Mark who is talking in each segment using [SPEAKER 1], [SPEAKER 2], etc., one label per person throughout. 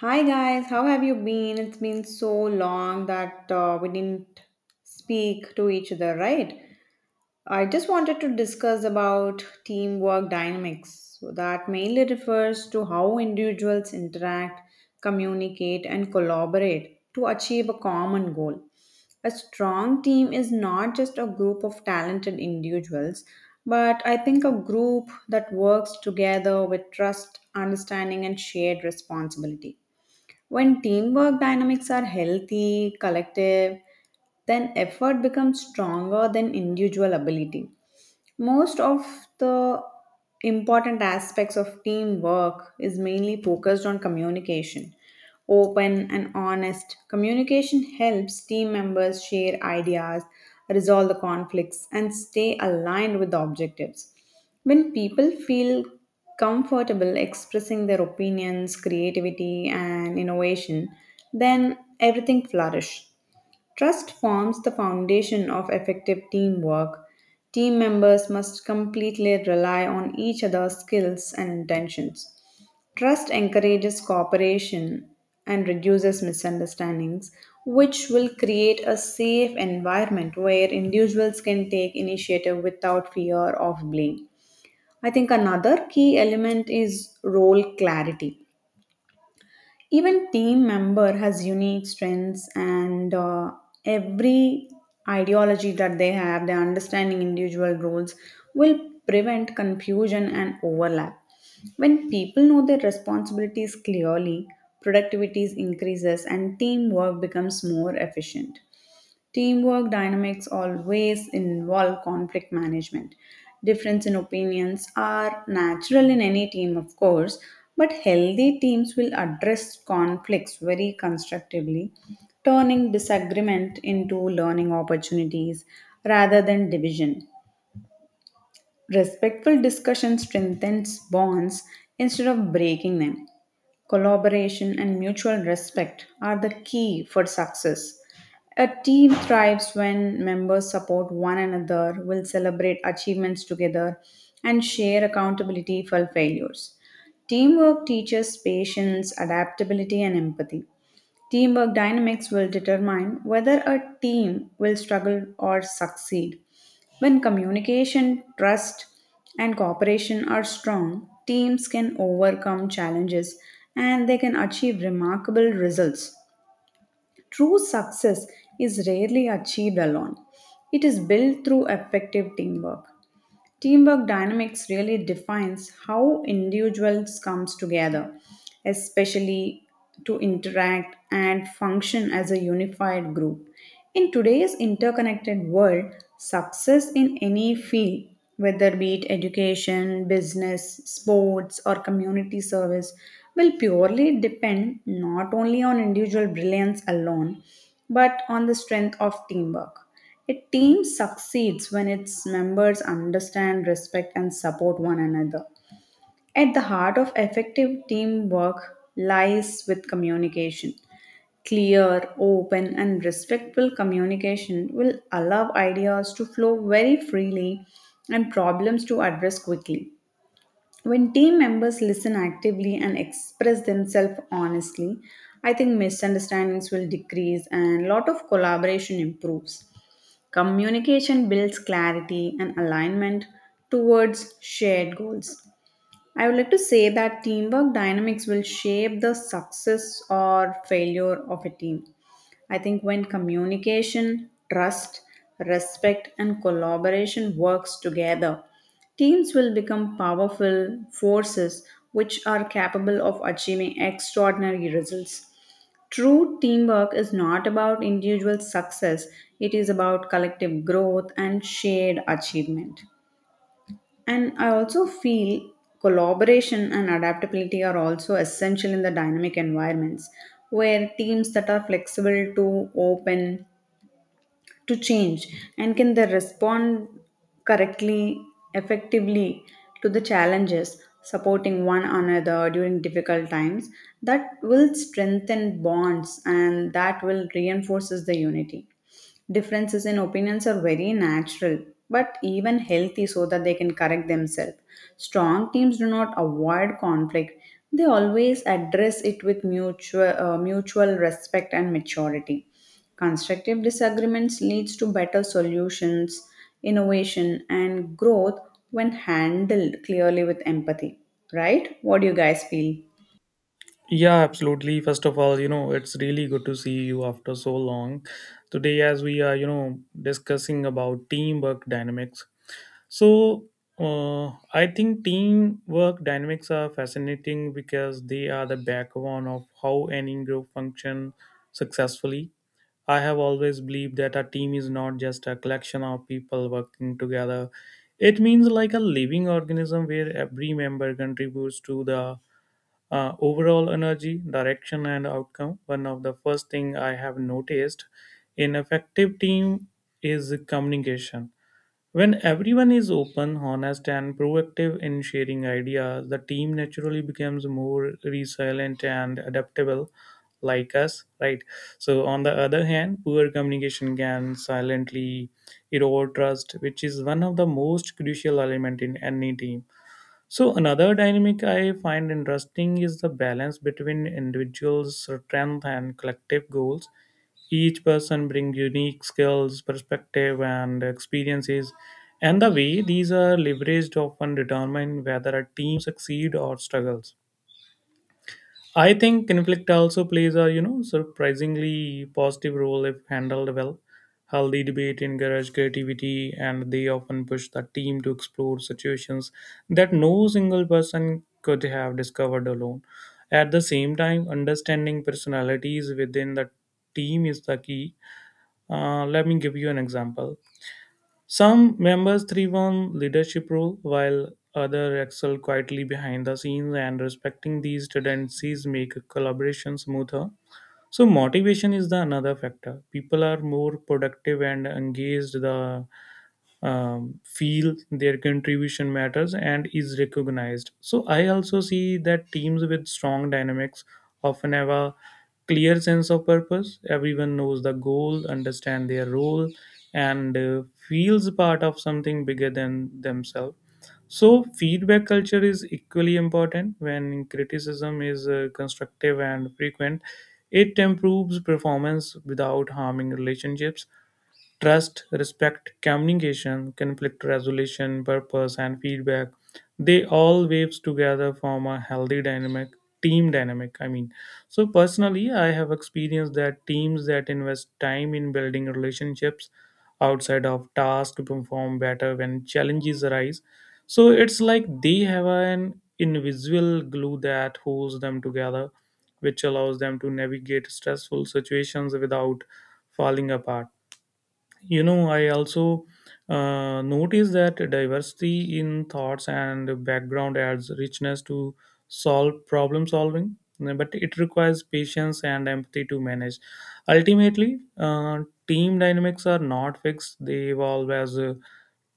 [SPEAKER 1] Hi guys, how have you been? It's been so long that we didn't speak to each other, right? I just wanted to discuss about teamwork dynamics. So that mainly refers to how individuals interact, communicate, and collaborate to achieve a common goal. A strong team is not just a group of talented individuals, but I think a group that works together with trust, understanding, and shared responsibility. When teamwork dynamics are healthy, collective, then effort becomes stronger than individual ability. Most of the important aspects of teamwork is mainly focused on communication. Open and honest communication helps team members share ideas, resolve the conflicts, and stay aligned with the objectives. When people feel comfortable expressing their opinions, creativity, and innovation, then everything flourishes. Trust forms the foundation of effective teamwork. Team members must completely rely on each other's skills and intentions. Trust encourages cooperation and reduces misunderstandings, which will create a safe environment where individuals can take initiative without fear of blame. I think another key element is role clarity, even team member has unique strengths and every ideology that they have their understanding individual roles will prevent confusion and overlap. When people know their responsibilities clearly, productivity increases and teamwork becomes more efficient. Teamwork dynamics always involve conflict management. Difference in opinions are natural in any team, of course, but healthy teams will address conflicts very constructively, turning disagreement into learning opportunities rather than division. Respectful discussion strengthens bonds instead of breaking them. Collaboration, and mutual respect are the key for success. A team thrives when members support one another, will celebrate achievements together, and share accountability for failures. Teamwork teaches patience, adaptability, and empathy. Teamwork dynamics will determine whether a team will struggle or succeed. When communication, trust, and cooperation are strong, teams can overcome challenges and they can achieve remarkable results. True success is rarely achieved alone, it is built through effective teamwork. Teamwork dynamics really defines how individuals comes together, especially to interact and function as a unified group. In today's interconnected world, success in any field, whether be it education, business, sports, or community service, will purely depend not only on individual brilliance alone, but on the strength of teamwork. A team succeeds when its members understand, respect, and support one another. At the heart of effective teamwork lies with communication. Clear, open, and respectful communication will allow ideas to flow very freely and problems to address quickly. When team members listen actively and express themselves honestly, I think misunderstandings will decrease and lot of collaboration improves. Communication builds clarity and alignment towards shared goals. I would like to say that teamwork dynamics will shape the success or failure of a team. I think when communication, trust, respect, and collaboration works together, teams will become powerful forces which are capable of achieving extraordinary results. True teamwork is not about individual success, it is about collective growth and shared achievement. And I also feel collaboration and adaptability are also essential in the dynamic environments where teams that are flexible to open to change and can they respond correctly, effectively to the challenges, supporting one another during difficult times, that will strengthen bonds and that will reinforces the unity. Differences in opinions are very natural, but even healthy so that they can correct themselves. Strong teams do not avoid conflict, they always address it with mutual respect and maturity. Constructive disagreements leads to better solutions, innovation and growth when handled clearly with empathy. Right? What do you guys feel?
[SPEAKER 2] Yeah, absolutely. First of all, it's really good to see you after so long. Today, as we are, discussing about teamwork dynamics. So, uh, I think teamwork dynamics are fascinating because they are the backbone of how any group function successfully. I have always believed that a team is not just a collection of people working together. It means like a living organism where every member contributes to the overall energy direction and outcome. One of the first thing I have noticed in effective team is communication. When everyone is open honest and proactive in sharing ideas, the team naturally becomes more resilient and adaptable, like us, right? So on the other hand, poor communication can silently erode trust, which is one of the most crucial element in any team. So another dynamic I find interesting is the balance between individuals' strength and collective goals. Each person brings unique skills, perspective, and experiences, and the way these are leveraged often determine whether a team succeeds or struggles. I think conflict also plays a surprisingly positive role if handled well. Healthy debate encourage creativity, and they often push the team to explore situations that no single person could have discovered alone. At the same time, understanding personalities within the team is the key. Let me give you an example. Some members thrive on leadership role while others excel quietly behind the scenes, and respecting these tendencies make collaboration smoother. So motivation is the another factor. People are more productive and engaged the feel their contribution matters and is recognized. So I also see that teams with strong dynamics often have a clear sense of purpose. Everyone knows the goal, understand their role, and feels part of something bigger than themselves. So feedback culture is equally important when criticism is constructive and frequent. It improves performance without harming relationships. Trust, respect, communication, conflict resolution, purpose, and feedback. They all waves together form a healthy dynamic, team dynamic. I mean, so personally, I have experienced that teams that invest time in building relationships outside of task perform better when challenges arise. So it's like they have an invisible glue that holds them together, which allows them to navigate stressful situations without falling apart. I also notice that diversity in thoughts and background adds richness to solve problem solving, but it requires patience and empathy to manage. Ultimately, team dynamics are not fixed, they evolve as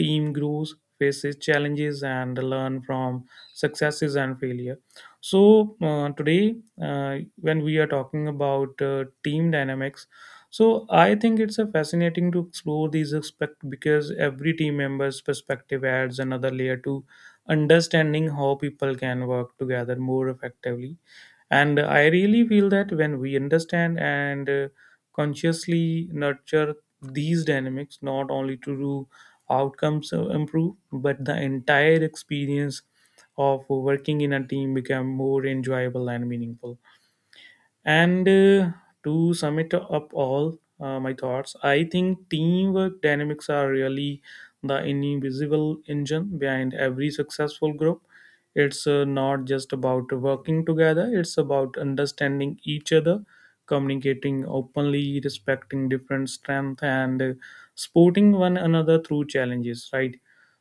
[SPEAKER 2] team grows, faces challenges and learn from successes and failure. So uh, today uh, when we are talking about team dynamics, so I think it's a fascinating to explore these aspects because every team member's perspective adds another layer to understanding how people can work together more effectively. And I really feel that when we understand and consciously nurture these dynamics, not only to do outcomes improve, but the entire experience of working in a team become more enjoyable and meaningful. And to sum it up all my thoughts, I think teamwork dynamics are really the invisible engine behind every successful group. It's not just about working together, it's about understanding each other, communicating openly, respecting different strengths, and supporting one another through challenges, right?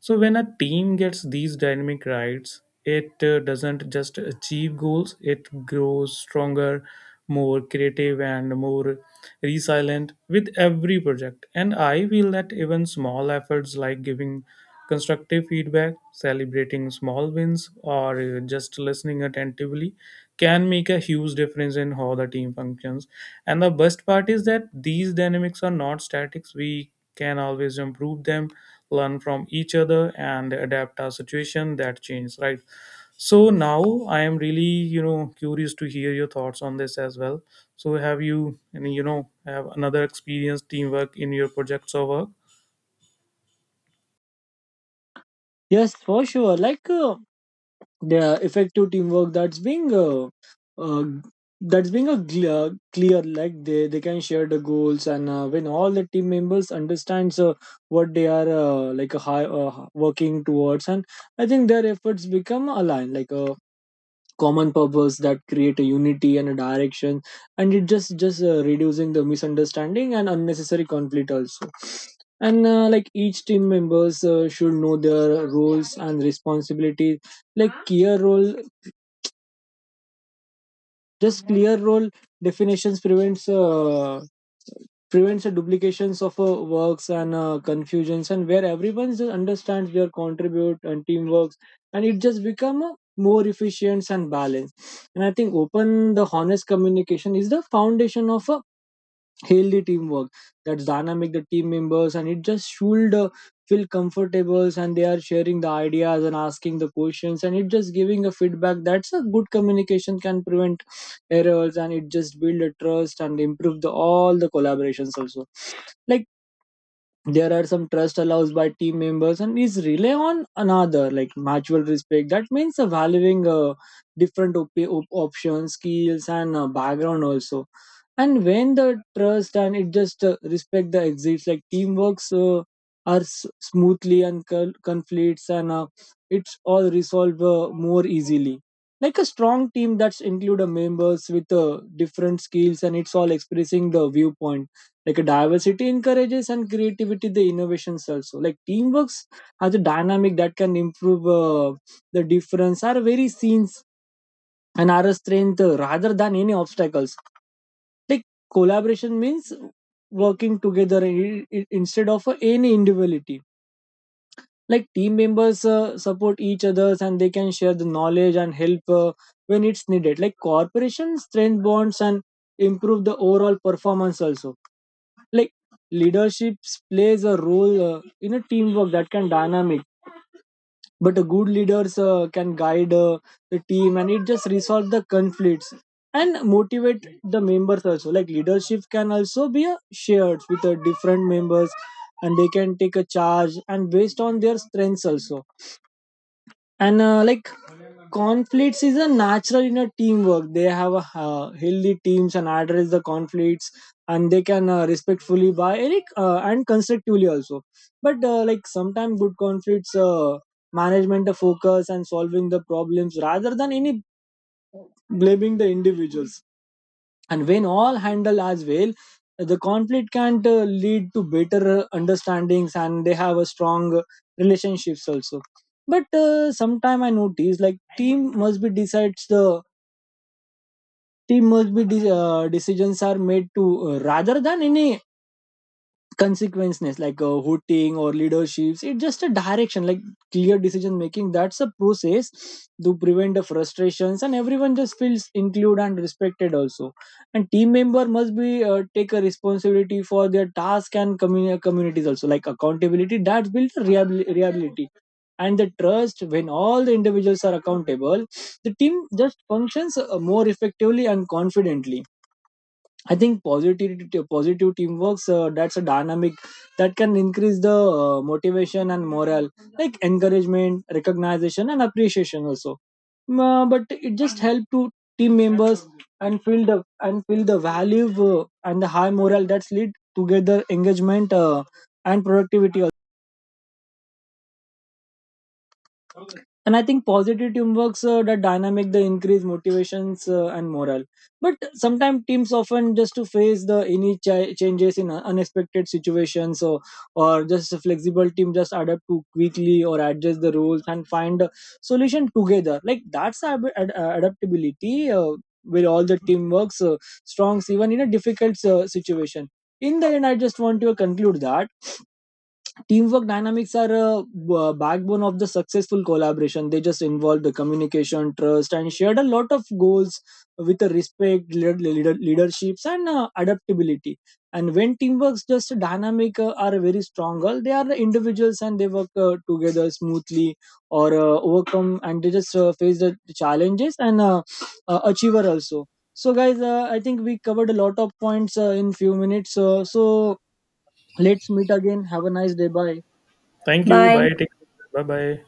[SPEAKER 2] So when a team gets these dynamic rights, it doesn't just achieve goals, it grows stronger, more creative and more resilient with every project. And I feel that even small efforts like giving constructive feedback, celebrating small wins, or just listening attentively can make a huge difference in how the team functions. And the best part is that these dynamics are not statics. We can always improve them, learn from each other and adapt our situation that change, right? So now I am really, curious to hear your thoughts on this as well. So have you any, have another experience teamwork in your projects or work?
[SPEAKER 3] Yes, for sure. The effective teamwork uh, that's being a clear. Like they can share the goals, and when all the team members understands what they are like a high working towards, and I think their efforts become aligned. Like common purpose that create a unity and a direction, and it just reducing the misunderstanding and unnecessary conflict also. And like each team members should know their roles and responsibilities, like key role, just clear role definitions prevents the duplications of works and confusions, and where everyone just understands their contribute and teamworks, and it just become a more efficient and balanced. And I think open the honest communication is the foundation of a healthy teamwork. That's dynamic the team members, and it just should feel comfortable and they are sharing the ideas and asking the questions and it just giving a feedback. That's a good communication can prevent errors and it just build a trust and improve the all the collaborations also. Like there are some trust allows by team members and is rely on another, like mutual respect. That means valuing different options, skills, and background also. And when the trust and it just respect the exits, like teamworks are smoothly, and conflicts and it's all resolved more easily. Like a strong team that's include a members with different skills and it's all expressing the viewpoint. Like a diversity encourages and creativity the innovations also. Like teamworks as a dynamic that can improve the difference are very scenes and are a strength rather than any obstacles. Like collaboration means working together instead of any individuality. Like team members support each others and they can share the knowledge and help when it's needed. Like corporation strength bonds and improve the overall performance also. Like leadership plays a role in a teamwork that can dynamic, but a good leaders can guide the team and it just resolve the conflicts and motivate the members also. Like leadership can also be shared with the different members, and they can take a charge and based on their strengths also. And like conflicts is a natural in a teamwork. They have a healthy teams and address the conflicts, and they can respectfully by eric and constructively also. But like sometimes good conflicts management the focus and solving the problems rather than any blaming the individuals. And when all handle as well, the conflict can lead to better understandings and they have a strong relationships also. But sometime I notice like team must be decides the team must be decisions are made to rather than any consequences, like hooting or leaderships, it's just a direction. Like clear decision making, that's a process to prevent the frustrations and everyone just feels included and respected also. And team member must be take a responsibility for their task and communities also, like accountability that builds reliability and the trust. When all the individuals are accountable, the team just functions more effectively and confidently. I think positive teamwork. That's a dynamic that can increase the motivation and morale, like encouragement, recognition, and appreciation also. But it just help to team members and feel the value and the high morale. That's lead together engagement and productivity. And I think positive teamworks that dynamic the increase motivations and morale. But sometimes teams often just to face the any changes in unexpected situations. So or just a flexible team just adapt to quickly or adjust the rules and find a solution together, like that's adaptability where all the team works strong even in a difficult situation. In the end I just want to conclude that teamwork dynamics are a backbone of the successful collaboration. They just involve the communication, trust, and shared a lot of goals with the respect, leaderships, and adaptability. And when teamworks just dynamic are very stronger, they are the individuals and they work together smoothly or overcome, and they just face the challenges and achiever also. So guys, I think we covered a lot of points in few minutes, so let's meet again. Have a nice day. Bye.
[SPEAKER 2] Thank you,
[SPEAKER 1] Bye.
[SPEAKER 2] bye, take care. Bye bye.